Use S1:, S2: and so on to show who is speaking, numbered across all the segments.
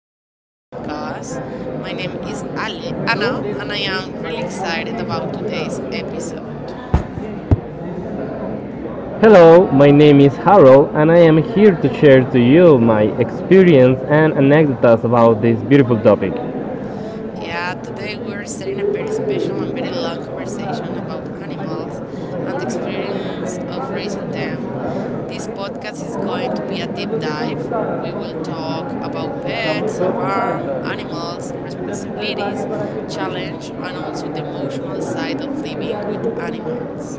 S1: to our podcast. My name is Ale Anna, and I am really excited about today's episode.
S2: Hello, my name is Harold, and I am here to share to you my experience and anecdotes about this beautiful topic.
S1: Yeah, today we are starting a very special and very long conversation about animals and the experience of raising them. This podcast is going to be a deep dive. We will talk about pets, farm, animals, responsibilities, challenge, and also the emotional side of living with animals.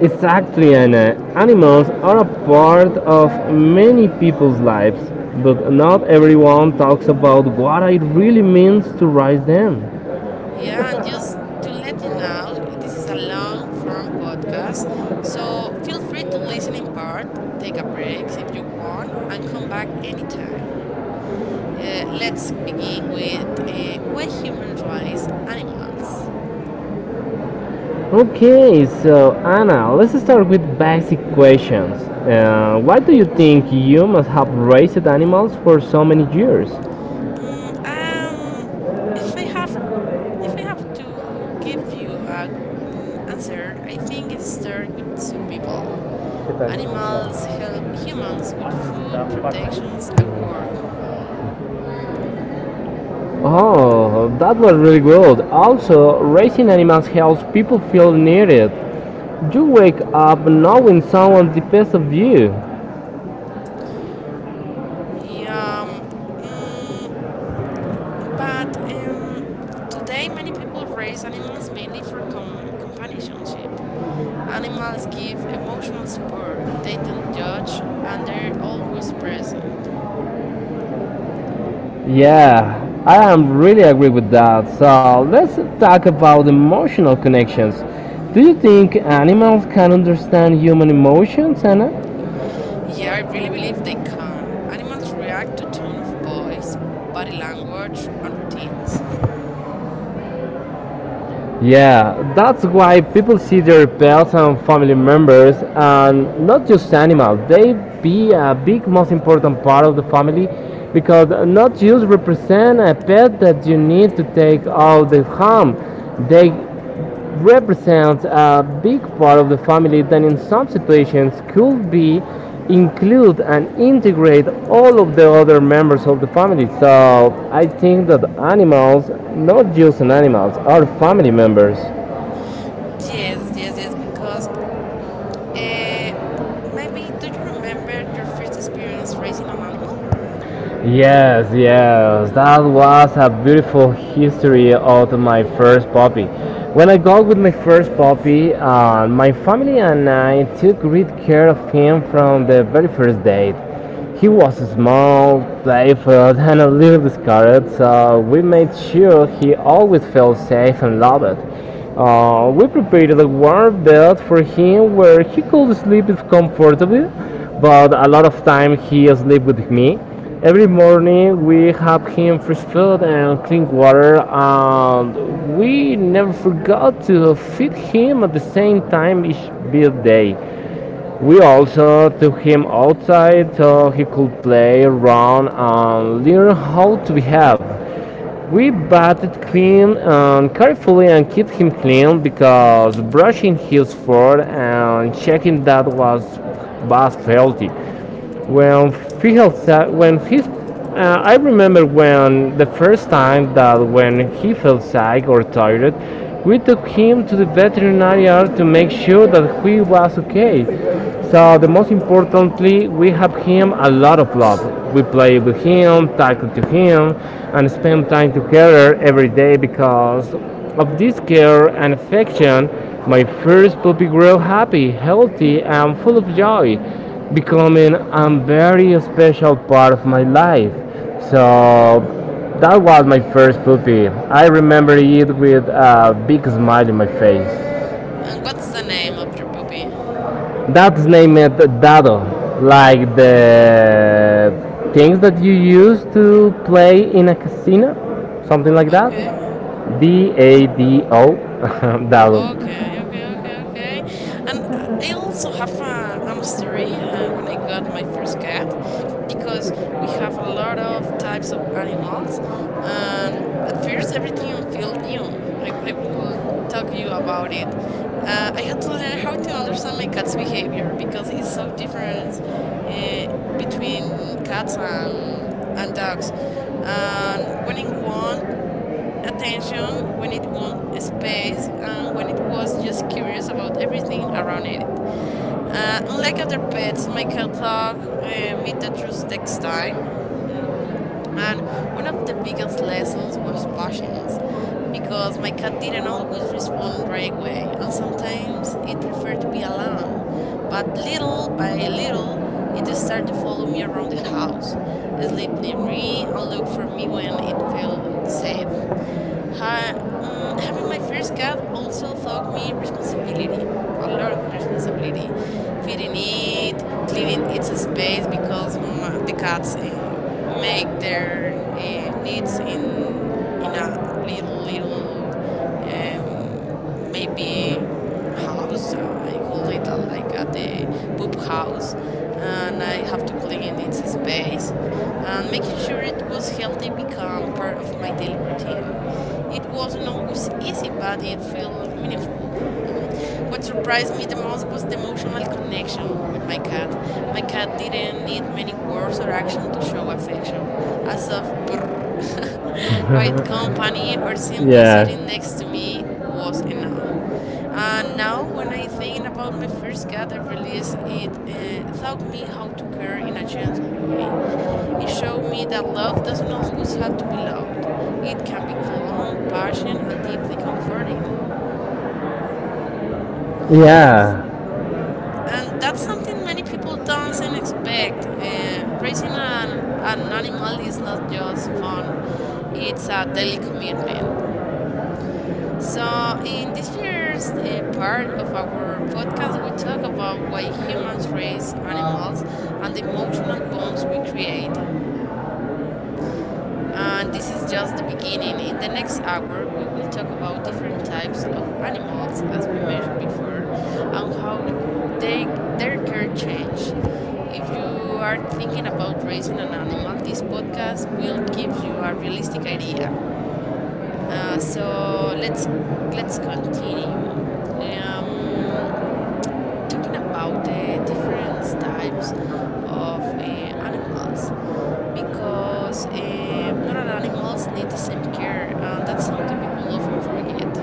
S2: Exactly, Anna. Animals are a part of many people's lives, but not everyone talks about what it really means to raise them.
S1: Yeah, and just to let you know, this is a long form podcast, so feel free to listen in part, take a break if you want, and come back anytime. Let's begin with why humans raise animals.
S2: Okay, so Anna, let's start with basic questions. Why do you think humans have raised animals for so many years?
S1: Mm, um, if I have if I have to give you a answer, I think it starts with survival. Animals help humans with food, protections, and work.
S2: Oh, that was really good. Also, raising animals helps people feel needed. You wake up knowing someone depends on you.
S1: Yeah, mm, but Today many people raise animals mainly for companionship. Animals give emotional support. They don't judge, and they're always present.
S2: Yeah, I am really agree with that. So let's talk about emotional connections. Do you think animals can understand human emotions, Anna?
S1: Yeah, I really believe they can. Animals react to tone of voice, body language, and routines.
S2: Yeah, that's why people see their pets and family members and not just animals. They be a big, most important part of the family because not just represent a pet that you need to take out the home. They represents a big part of the family that in some situations could be include and integrate all of the other members of the family, so I think that animals not just animals are family members.
S1: Yes, because uh, maybe do you remember your first experience raising an animal?
S2: Yes, yes, that was a beautiful history of my first puppy. When I got with my first puppy, my family and I took great care of him from the very first date. He was small, playful, and a little discarded, so we made sure he always felt safe and loved. We prepared a warm bed for him where he could sleep comfortably, but a lot of time he slept with me. Every morning we have him fresh food and clean water, and we never forgot to feed him at the same time each birthday. We also took him outside so he could play, run, and learn how to behave. We bathed clean and carefully and keep him clean because brushing his fur and checking that was healthy when feels when he's I remember when the first time that when he felt sick or tired, we took him to the veterinary to make sure that he was okay. So the most importantly, we have him a lot of love. We play with him, tackle to him, and spend time together every day because of this care and affection. My first puppy grew happy, healthy, and full of joy, becoming a very special part of my life. So that was my first puppy. I remember it with a big smile in my face.
S1: And what's the name of your puppy?
S2: That's named Dado, like the things that you use to play in a casino, something like that.
S1: Okay.
S2: Dado, Dado.
S1: Okay, okay, okay, okay. And I also have a story when I got my first cat, because we have a lot of types of animals. And at first, everything felt new. I will talk you about it. I had to learn how to understand my cat's behavior because it's so different, uh, between cats and dogs. And when in one attention when it won space and when it was just curious about everything around it. Unlike other pets, my cat dog meet the truth takes time. Hmm? And one of the biggest lessons was patience, because my cat didn't always respond right away, and sometimes it preferred to be alone. But little by little, it started to follow me around the house, sleep near me, and look for me when it felt safe. Having my first cat also taught me responsibility, a lot of responsibility, feeding it, cleaning its space because ma the cats make their needs in a little, um, maybe house. I call it like the poop house, and I have to clean its space and making sure it was healthy become part of my daily routine. It wasn't always easy, but it felt meaningful. Mm. What surprised me the most was the emotional connection with my cat. My cat didn't need many words or action to show affection, as of brrr, quiet company or simply
S2: Yeah.
S1: sitting next to me was enough. And now, when I think about my first cat, I realize it taught me how to care in a gentle way. It showed me that love doesn't always have to be loud. It can be calm, passionate, and deeply comforting.
S2: Yeah.
S1: And that's something many people doesn't expect. Raising an animal is not just fun, it's a daily commitment. So, in this first part of our podcast, we talk about why humans raise animals and the emotional bonds we create. And this is just the beginning. In the next hour, we will talk about different types of animals, as we mentioned before, and how they their care change. If you are thinking about raising an animal, this podcast will give you a realistic idea. So let's continue. Um, Talking about the different types of animals, because not all animals need the same care, and that's something people often forget.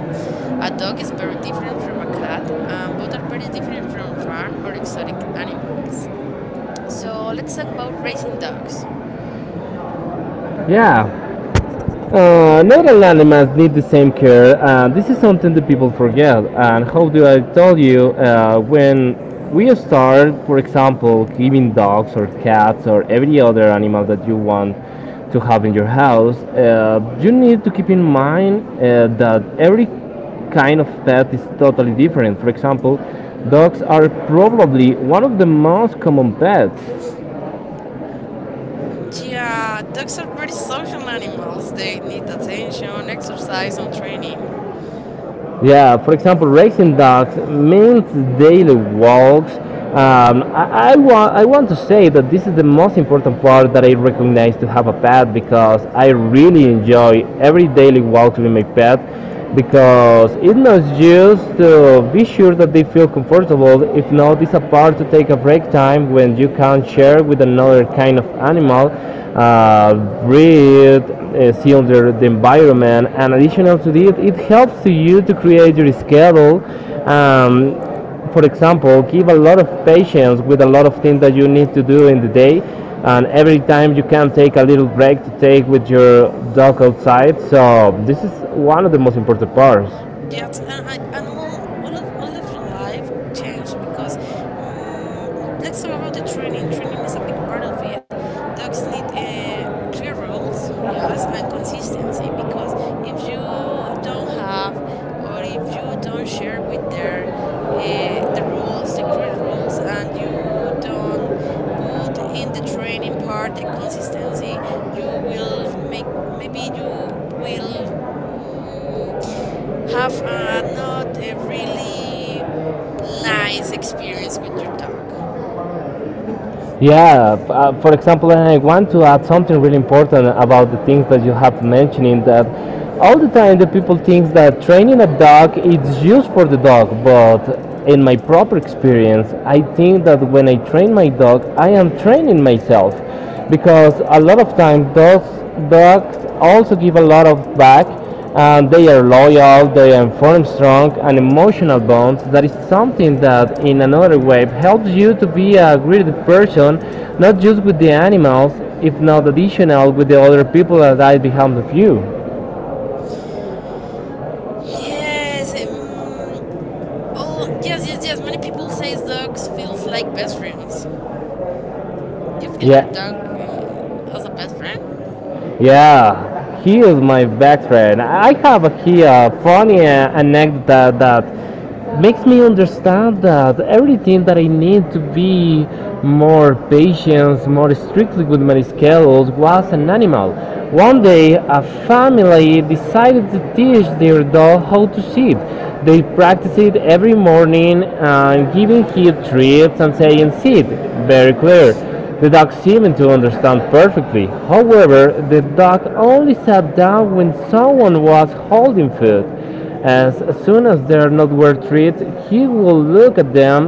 S1: A dog is very different from a cat, and both are very different from farm or exotic animals. So let's talk about raising dogs.
S2: Yeah. Not all animals need the same care. And this is something that people forget. And how do I tell you when we start, for example, giving dogs or cats or every other animal that you want to have in your house, you need to keep in mind that every kind of pet is totally different. For example, dogs are probably one of the most common pets.
S1: Yeah, dogs are very social animals. They need attention, exercise, and training.
S2: Yeah, for example, racing dogs means daily walks. I want to say that this is the most important part that I recognize to have a pet because I really enjoy every daily walk with my pet because it's not just to be sure that they feel comfortable. If not, it's a part to take a break time when you can share with another other kind of animal, uh, breathe, seal the environment, and additional to this, it helps to you to create your schedule. Um, for example, give a lot of patience with a lot of things that you need to do in the day, and every time you can take a little break to take with your dog outside. So this is one of the most important parts.
S1: Yes, and all of your life changed because mm let's talk about the training. Training is a big part of it. Dogs need clear rules, yes, and consistency, because if you don't have, or if you don't share with their, the rules, the clear rules, and you don't put in the training part the consistency, you will make maybe you will. mm, have not a really nice experience with your dog.
S2: Yeah, for example, and I want to add something really important about the things that you have mentioning that all the time the people think that training a dog is used for the dog, but in my proper experience, I think that when I train my dog, I am training myself because a lot of times those dogs also give a lot of back, and they are loyal. They form strong and emotional bonds. That is something that in another way helps you to be a great person, not just with the animals, if not additional with the other people that are behind of you.
S1: Yes. Oh, yes. Many people say dogs feels like best friends. You feel your
S2: Yeah.
S1: dog as a best friend?
S2: Yeah, he is my best friend. I have here a funny anecdote that makes me understand that everything that I need to be more patient, more strictly with my schedules was an animal. One day, a family decided to teach their dog how to sit. They practiced it every morning, and giving him treats and saying sit, very clear. The dog seemed to understand perfectly. However, the dog only sat down when someone was holding food. As soon as their not were treated, he would look at them,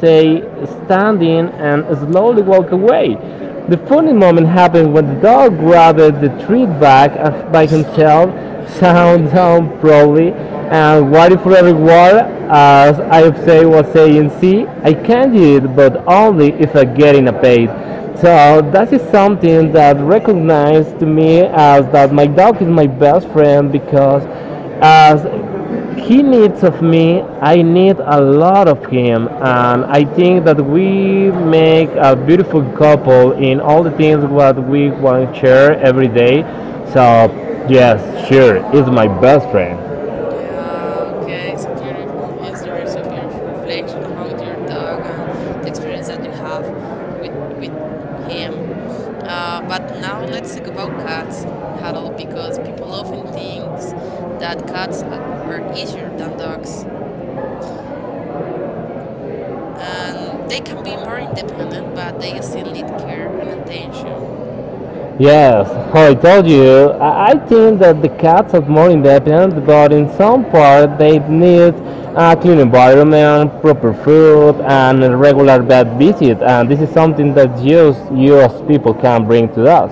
S2: say standing, and slowly walk away. The funny moment happened when the dog grabbed the treat bag by
S1: Oh,
S2: himself, sat
S1: okay.
S2: down proudly, and what if every word, as I say, was saying, see, I can do it, but only if I get in a paid. So that is something that recognized to me as that my dog is my best friend because as he needs of me, I need a lot of him, and I think that we make a beautiful couple in all the things what we want to share every day. So yes, sure, he's my best friend.
S1: Yeah, okay. So beautiful history, so beautiful reflection about your dog and the experience that you have with with him. But now let's talk about cats, Harold, because people often think that cats are easier than dogs. And they can be more independent, but they still need care and attention.
S2: Yes, how I told you, I think that the cats are more independent, but in some part they need a clean environment, proper food, and a regular vet visit, and this is something that just you as people can bring to us.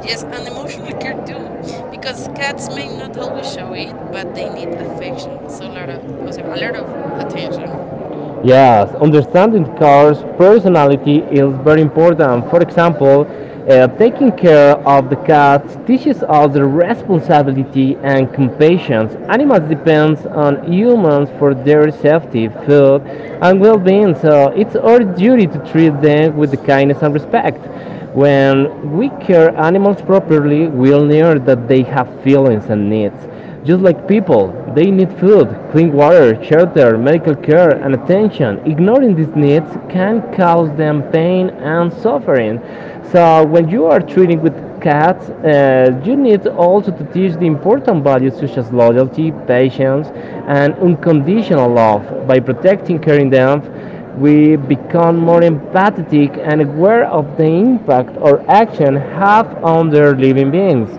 S1: Yes, and emotional care too, because cats may not always show it, but they need affection. So a lot of, also a lot of attention.
S2: Yes, understanding car's personality is very important. For example, taking care of the cats teaches us the responsibility and compassion. Animals depend on humans for their safety, food, and well-being, so it's our duty to treat them with kindness and respect. When we care animals properly, we'll know that they have feelings and needs. Just like people, they need food, clean water, shelter, medical care, and attention. Ignoring these needs can cause them pain and suffering. So, when you are treating with cats, you need also to teach the important values such as loyalty, patience, and unconditional love. By protecting, caring them, we become more empathetic and aware of the impact our actions have on their living beings.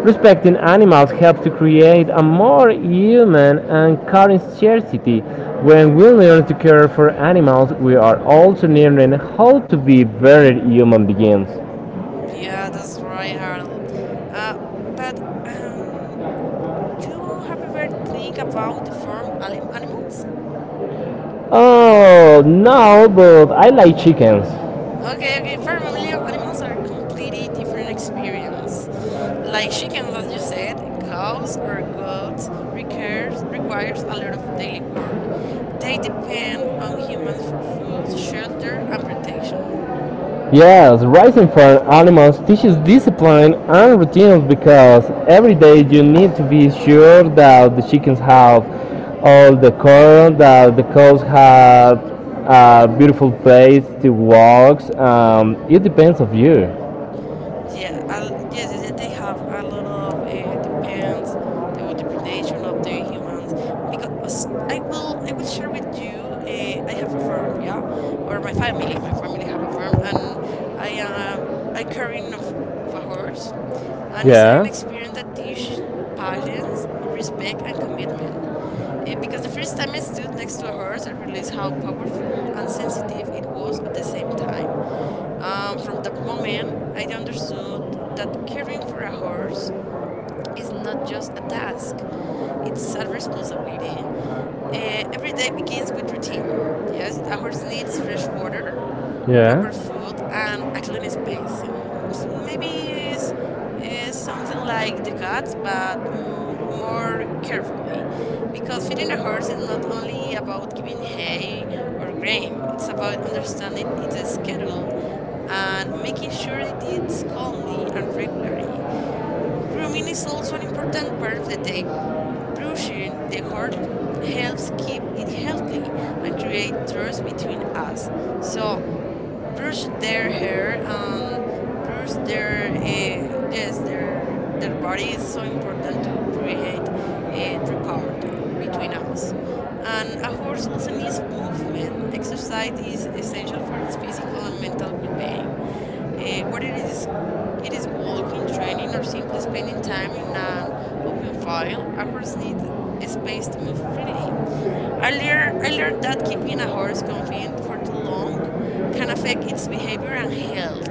S2: Respecting animals helps to create a more human and caring society. When we learn to care for animals, we are also learning how to be better human beings.
S1: Yeah, that's right, Harold. Uh, but You have ever think about the farm animals?
S2: Oh no, but I like chickens.
S1: Okay, okay. Farm animals are completely different experience. Like chickens, as you said, cows or goats requires a lot of daily work. They depend on humans for food, shelter, and protection.
S2: Yes, raising farm animals teaches discipline and routines because every day you need to be sure that the chickens have all the corn, that the cows have a beautiful place to walk. It depends of you.
S1: Yeah, yes, they have a lot of depends the ordination of the humans, because I will share with you, I have a farm, yeah, or my family, have a farm, and I am I carrying of a horse, and it's an
S2: Yeah,
S1: experience that teaches patience, respect, and commitment. Because the first time I stood next to a horse, I realized how powerful and sensitive it was at the same time. From that moment, I understood that caring for a horse is not just a task, it's a responsibility. Every day begins with routine. Yes, a horse needs fresh water,
S2: yeah,
S1: proper food, and a clean space. Maybe it's, it's something like the cats, but more carefully. Because feeding a horse is not only about giving hay or grain, it's about understanding its schedule and making sure it eats calmly and regularly. Grooming is also an important part of the day. Brushing the hair helps keep it healthy and create trust between us. So brush their hair and brush their, yes, their body is so important to create a rapport between us. And a horse also needs movement. Exercise is essential for its physical and mental well-being, whether it is walking, training, or simply spending time in an open field. A horse needs a space to move freely. Earlier, I learned that keeping a horse confined for too long can affect its behavior and health.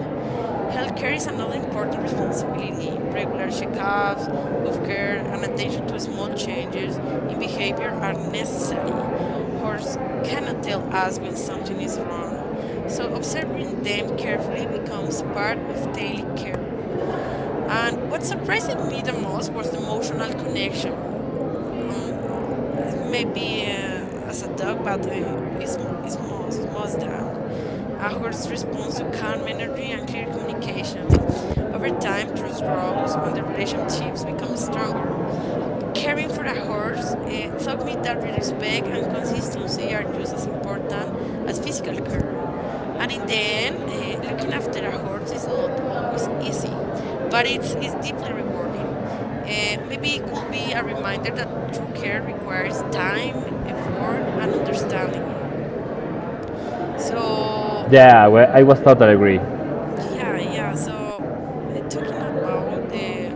S1: Healthcare is another important responsibility. Regular checkups, hoof care, and attention to small changes in behavior are necessary. Horses cannot tell us when something is wrong, so observing them carefully becomes part of daily care. And what surprised me the most was the emotional connection. Um, it may be as a dog, but it's most than a horse responds to calm energy and clear communication. Over time, trust grows and the relationships become stronger. Caring for a horse taught me that respect and consistency are just as important as physical care. And in the end, looking after a horse is not always easy, but it's deeply rewarding. Maybe it could be a reminder that true care requires time, effort, and understanding. So,
S2: yeah. Well, I was totally agree.
S1: yeah, yeah. So, talking about the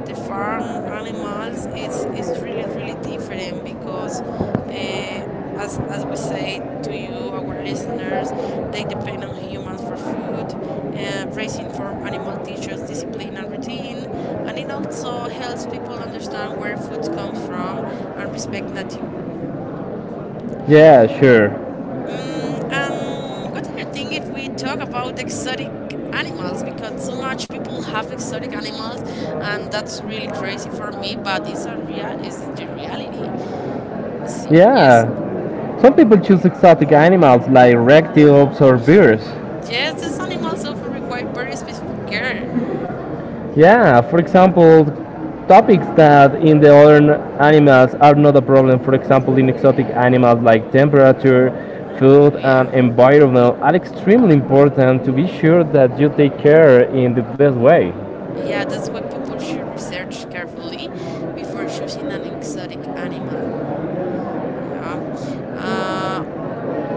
S1: farm animals, it's really really different, because uh, as we say to you, our listeners, they depend on humans for food. Raising from animal teachers discipline and routine, and it also helps people understand where food comes from and respect nature.
S2: Yeah, sure.
S1: And what do you think if we talk about exotic animals? Because so much people have exotic animals, and that's really crazy for me. But it's a rea is the reality. See, yes,
S2: Yeah. Some people choose exotic animals like reptiles or bears.
S1: yes, these animals often require very specific care.
S2: Yeah, for example, topics that in the other animals are not a problem. For example, in exotic animals like temperature, food,
S1: Oh yeah,
S2: and environment are extremely important to be sure that you take care in the best way.
S1: yeah. That's why people should research carefully before choosing an exotic animal. Yeah,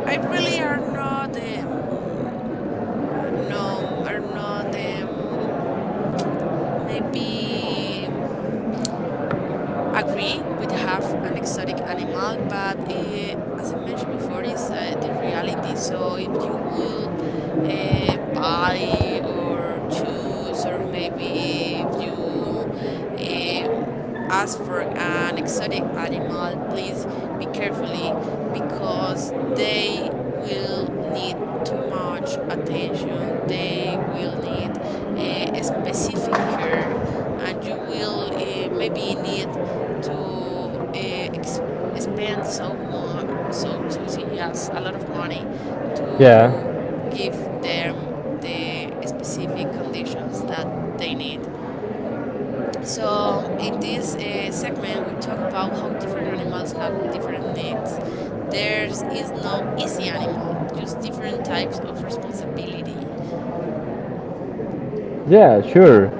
S1: I really are not no, are not Maybe agree with have an exotic animal, but as I mentioned before is the reality. So if you will buy or choose, or maybe if you um, ask for an exotic animal, please be carefully, because they will need too much attention. They will need a specific care, and you will maybe need to ex spend so much, so so see, yes, a lot of money
S2: Yeah.
S1: to give them the specific conditions that they need. So in this segment we talk about how different animals have different needs. There is no easy animal, just different types of responsibility.
S2: Yeah, sure.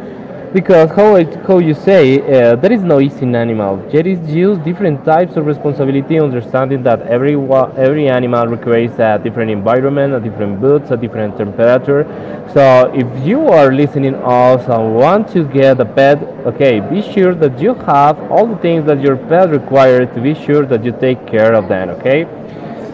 S2: Because how, it, how you say, there is no easy animal. There is just different types of responsibility, understanding that every every animal requires a different environment, a different boots, a different temperature. So if you are listening us and want to get a pet, okay, be sure that you have all the things that your pet requires to be sure that you take care of them. Okay.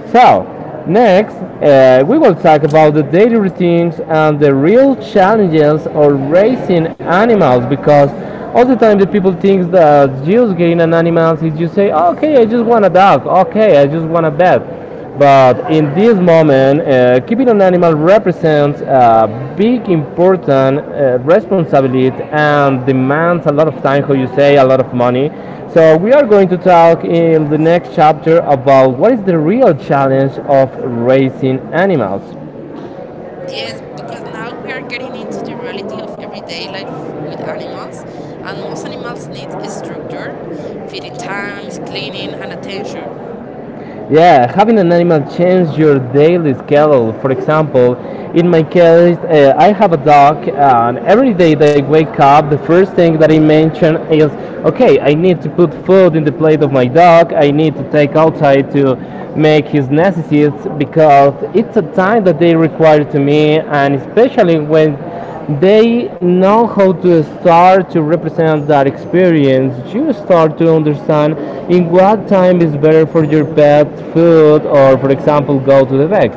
S2: So, next, we will talk about the daily routines and the real challenges of raising animals because all the time the people think that just getting an animal is just say, okay, I just want a dog, okay, I just want a pet, but in this moment, keeping an animal represents a big, important responsibility and demands a lot of time, how you say, a lot of money. So we are going to talk in the next chapter about what is the real challenge of raising animals.
S1: Yes, because now we are getting into the reality of everyday life with animals, and most animals need a structure, feeding times, cleaning, and attention.
S2: Yeah, having an animal change your daily schedule. For example, in my case, I have a dog, and every day that I wake up, the first thing that I mention is, okay, I need to put food in the plate of my dog. I need to take outside to make his necessities because it's a time that they require to me, and especially when they know how to start to represent that experience. You start to understand in what time is better for your pet food or, for example, go to the vet.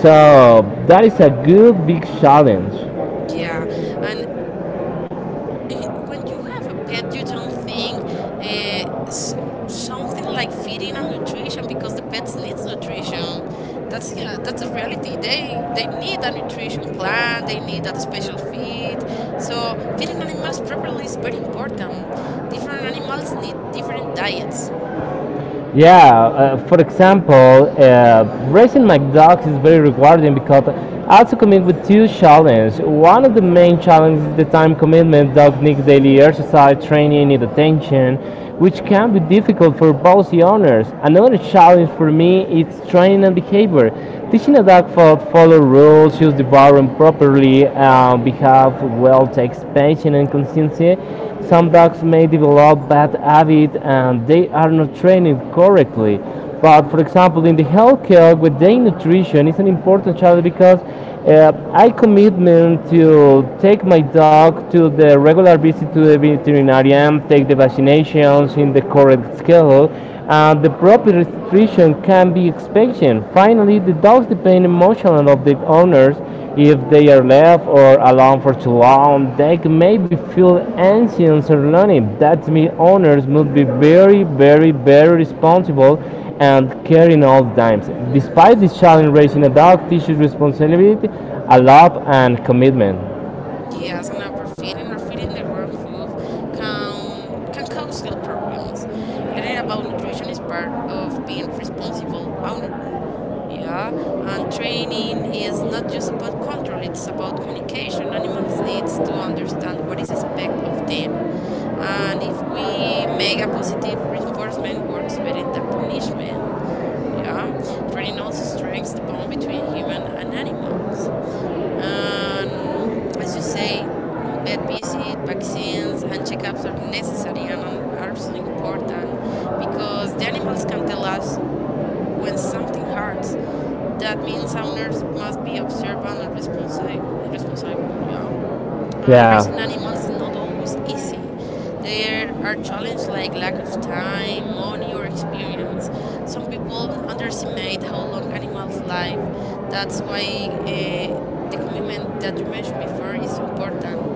S2: So that is a good big challenge.
S1: Yeah, and when you have a pet, you don't think uh, s- something like feeding and nutrition, because the pets needs nutrition. That's, yeah, that's a reality. They need a nutrition plan. They need a special feed. So feeding animals properly is very important. Different animals need different diets.
S2: Yeah, for example, uh, raising my dogs is very rewarding because I also commit with two challenges. One of the main challenges is the time commitment. Dogs need daily exercise, training, need attention, which can be difficult for both the owners. Another challenge for me is training and behavior. Teaching a dog to follow rules, use the bathroom properly, behave well, takes patience and consistency. Some dogs may develop bad habits and they are not trained correctly. But for example, in the healthcare with day nutrition is an important challenge because I commitment to take my dog to the regular visit to the veterinarian, take the vaccinations in the correct schedule, and the proper restriction can be expansion. Finally, the dogs depend emotionally of the owners if they are left or alone for too long, they may be feel anxious or lonely. That means owners must be very, very, very responsible and caring all the times. Despite this challenge, raising a dog teaches responsibility, a love, and commitment.
S1: Yes, and overfeeding or feeding the wrong food can cause health problems. Learning about nutrition is part of being responsible owner. Yeah, and training is not just about control, it's about communication. Animals needs to understand what is expected of them. And if we make a positive reinforcement works better than punishment. Yeah. Training also strengthens the bond between human and animals. And as you say, vet visit, vaccines, and checkups are necessary and are so important, because the animals can tell us when something hurts. That means owners must be observant and responsible. Yeah. And
S2: Yeah.
S1: raising animals is not always easy. There are challenges like lack of time, money, or experience. Some people underestimate how long animals live. That's why uh, the commitment that you mentioned before is so important.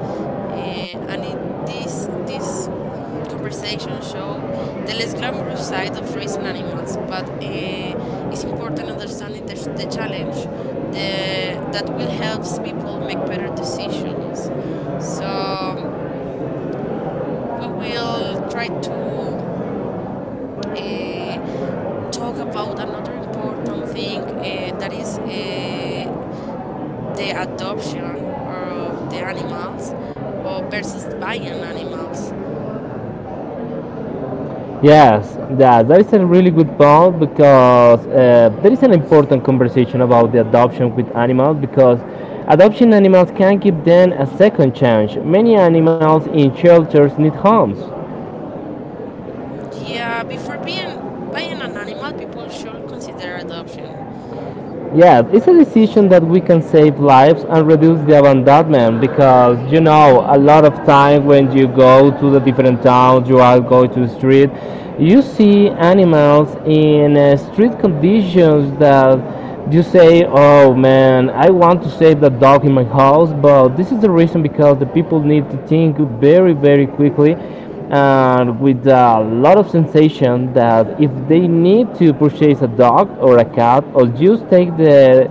S1: Uh, and it, this conversation show the less glamorous side of raising animals, but it's important understanding the challenge, that will help people make better decisions. So um, we will try to uh, talk about another important thing that is the adoption of the animals, or versus buying animals.
S2: Yes, that is a really good point because there is an important conversation about the adoption with animals because adoption animals can give them a second chance. Many animals in shelters need homes.
S1: Yeah, before being buying an animal, people should consider adoption.
S2: Yeah, it's a decision that we can save lives and reduce the abandonment because you know a lot of time when you go to the different towns, you are going to the street, you see animals in street conditions that you say, "Oh man, I want to save that dog in my house," but this is the reason because the people need to think very, very quickly and with a lot of sensation that if they need to purchase a dog or a cat or just take the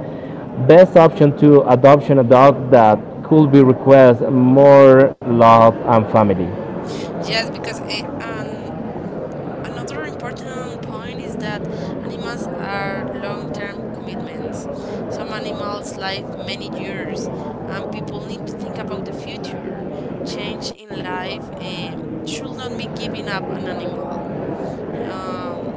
S2: best option to adoption a dog that could be request more love and family.
S1: Just because, and another important point is that animals are long term commitments. Some animals live many years, and people need to think about the future. Change in life should not be giving up an animal. Um,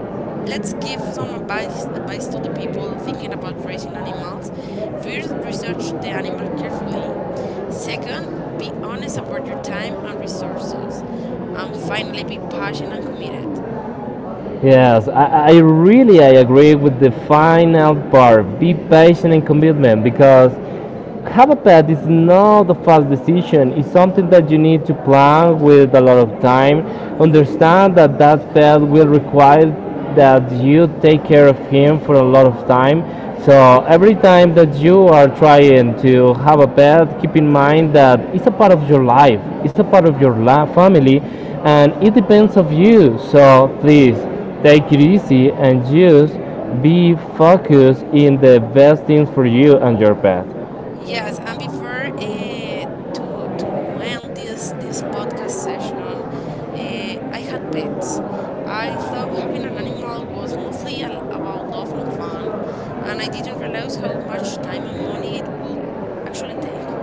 S1: let's give some advice, advice to the people thinking about raising animals. First, research the animal carefully. Second, be honest about your time and resources. And finally, be passionate and committed.
S2: Yes, I really I agree with the final part. Be patient and commitment because have a pet is not a fast decision. It's something that you need to plan with a lot of time. Understand that that pet will require that you take care of him for a lot of time. So every time that you are trying to have a pet, keep in mind that it's a part of your life. It's a part of your family, and it depends of you. So please take it easy and just be focused in the best things for you and your pet.
S1: Yes, and before to end this podcast session, I had pets. I thought having an animal was mostly al about love and fun, and I didn't realize how much time and money it would actually take.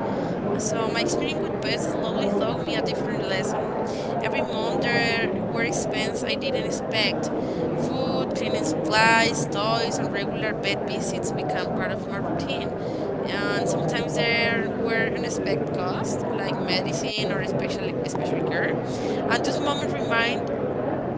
S1: So my experience with pets slowly taught me a different lesson. Every month there were expenses I didn't expect. Food, cleaning supplies, toys, and regular vet visits became part of my routine. And sometimes there were unexpected costs, like medicine or special care. And this moment remind,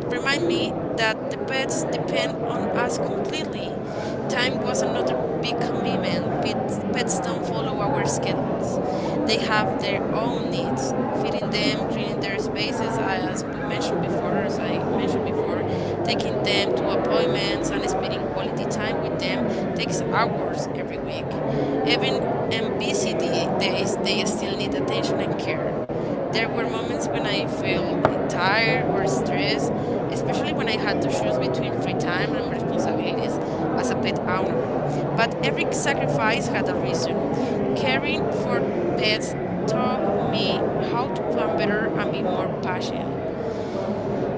S1: remind me that the pets depend on us completely. Time was another big commitment. Pets don't follow our schedules, they have their own needs. Feeding them, cleaning their spaces, as we mentioned before, as I mentioned before, taking them to appointments and spending quality time with them takes hours every week. Even on days, they still need attention and care. There were moments when I felt tired or stressed, especially when I had to choose between free time and responsibilities as a pet owner. But every sacrifice had a reason. Caring for pets taught me how to plan better and be more patient.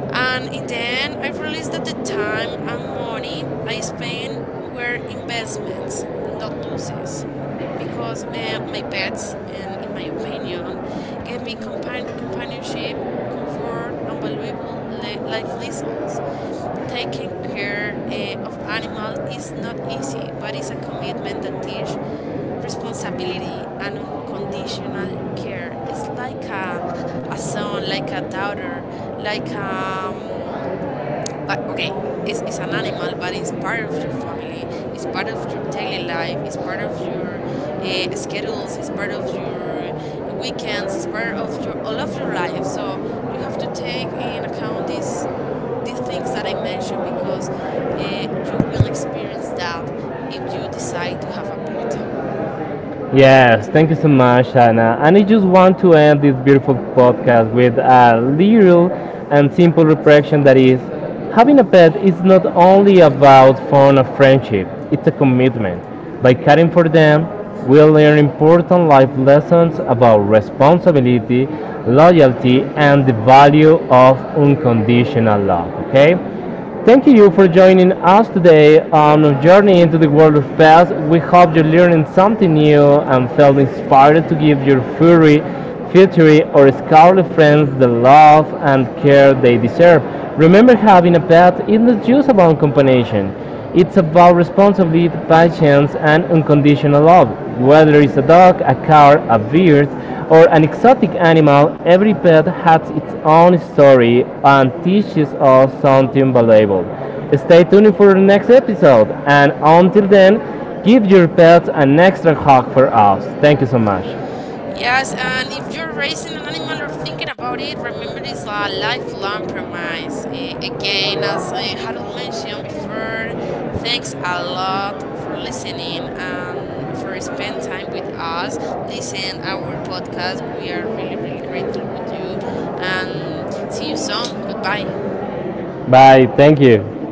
S1: And in the end, I realized that the time and money I spent were investments, not losses. Because my pets, and in my opinion, gave me companionship, comfort, and valuable life lessons. Taking care of animals is not easy, but it's a commitment that teaches responsibility and unconditional care. It's like a son, like a daughter, like but okay, it's an animal, but it's part of your family, it's part of your daily life, it's part of your schedules, it's part of your weekends, it's part of your all of your life. So you have to take in account these things that I mentioned, because you will experience that if you decide to have a pet.
S2: Yes, thank you so much, Anna. And I just want to end this beautiful podcast with a little and simple reflection that is having a pet is not only about fun and friendship, it's a commitment. By caring for them, we learn important life lessons about responsibility, loyalty, and the value of unconditional love. Okay? Thank you for joining us today on a journey into the world of pets. We hope you're learning something new and felt inspired to give your furry, feathery, or scaly friends the love and care they deserve. Remember, having a pet is not just about companionship. It's about responsibility, patience, and unconditional love. Whether it's a dog, a car, a bird, or an exotic animal, every pet has its own story and teaches us something valuable. Stay tuned for the next episode, and until then, give your pet an extra hug for us. Thank you so much.
S1: Yes, and if you're raising an animal or thinking about it, remember it's a lifelong premise. Again, as Harold mentioned before, thanks a lot for listening and for spending time with us, listen our podcast. We are really, really grateful with you, and see you soon. Goodbye.
S2: Bye. Thank you.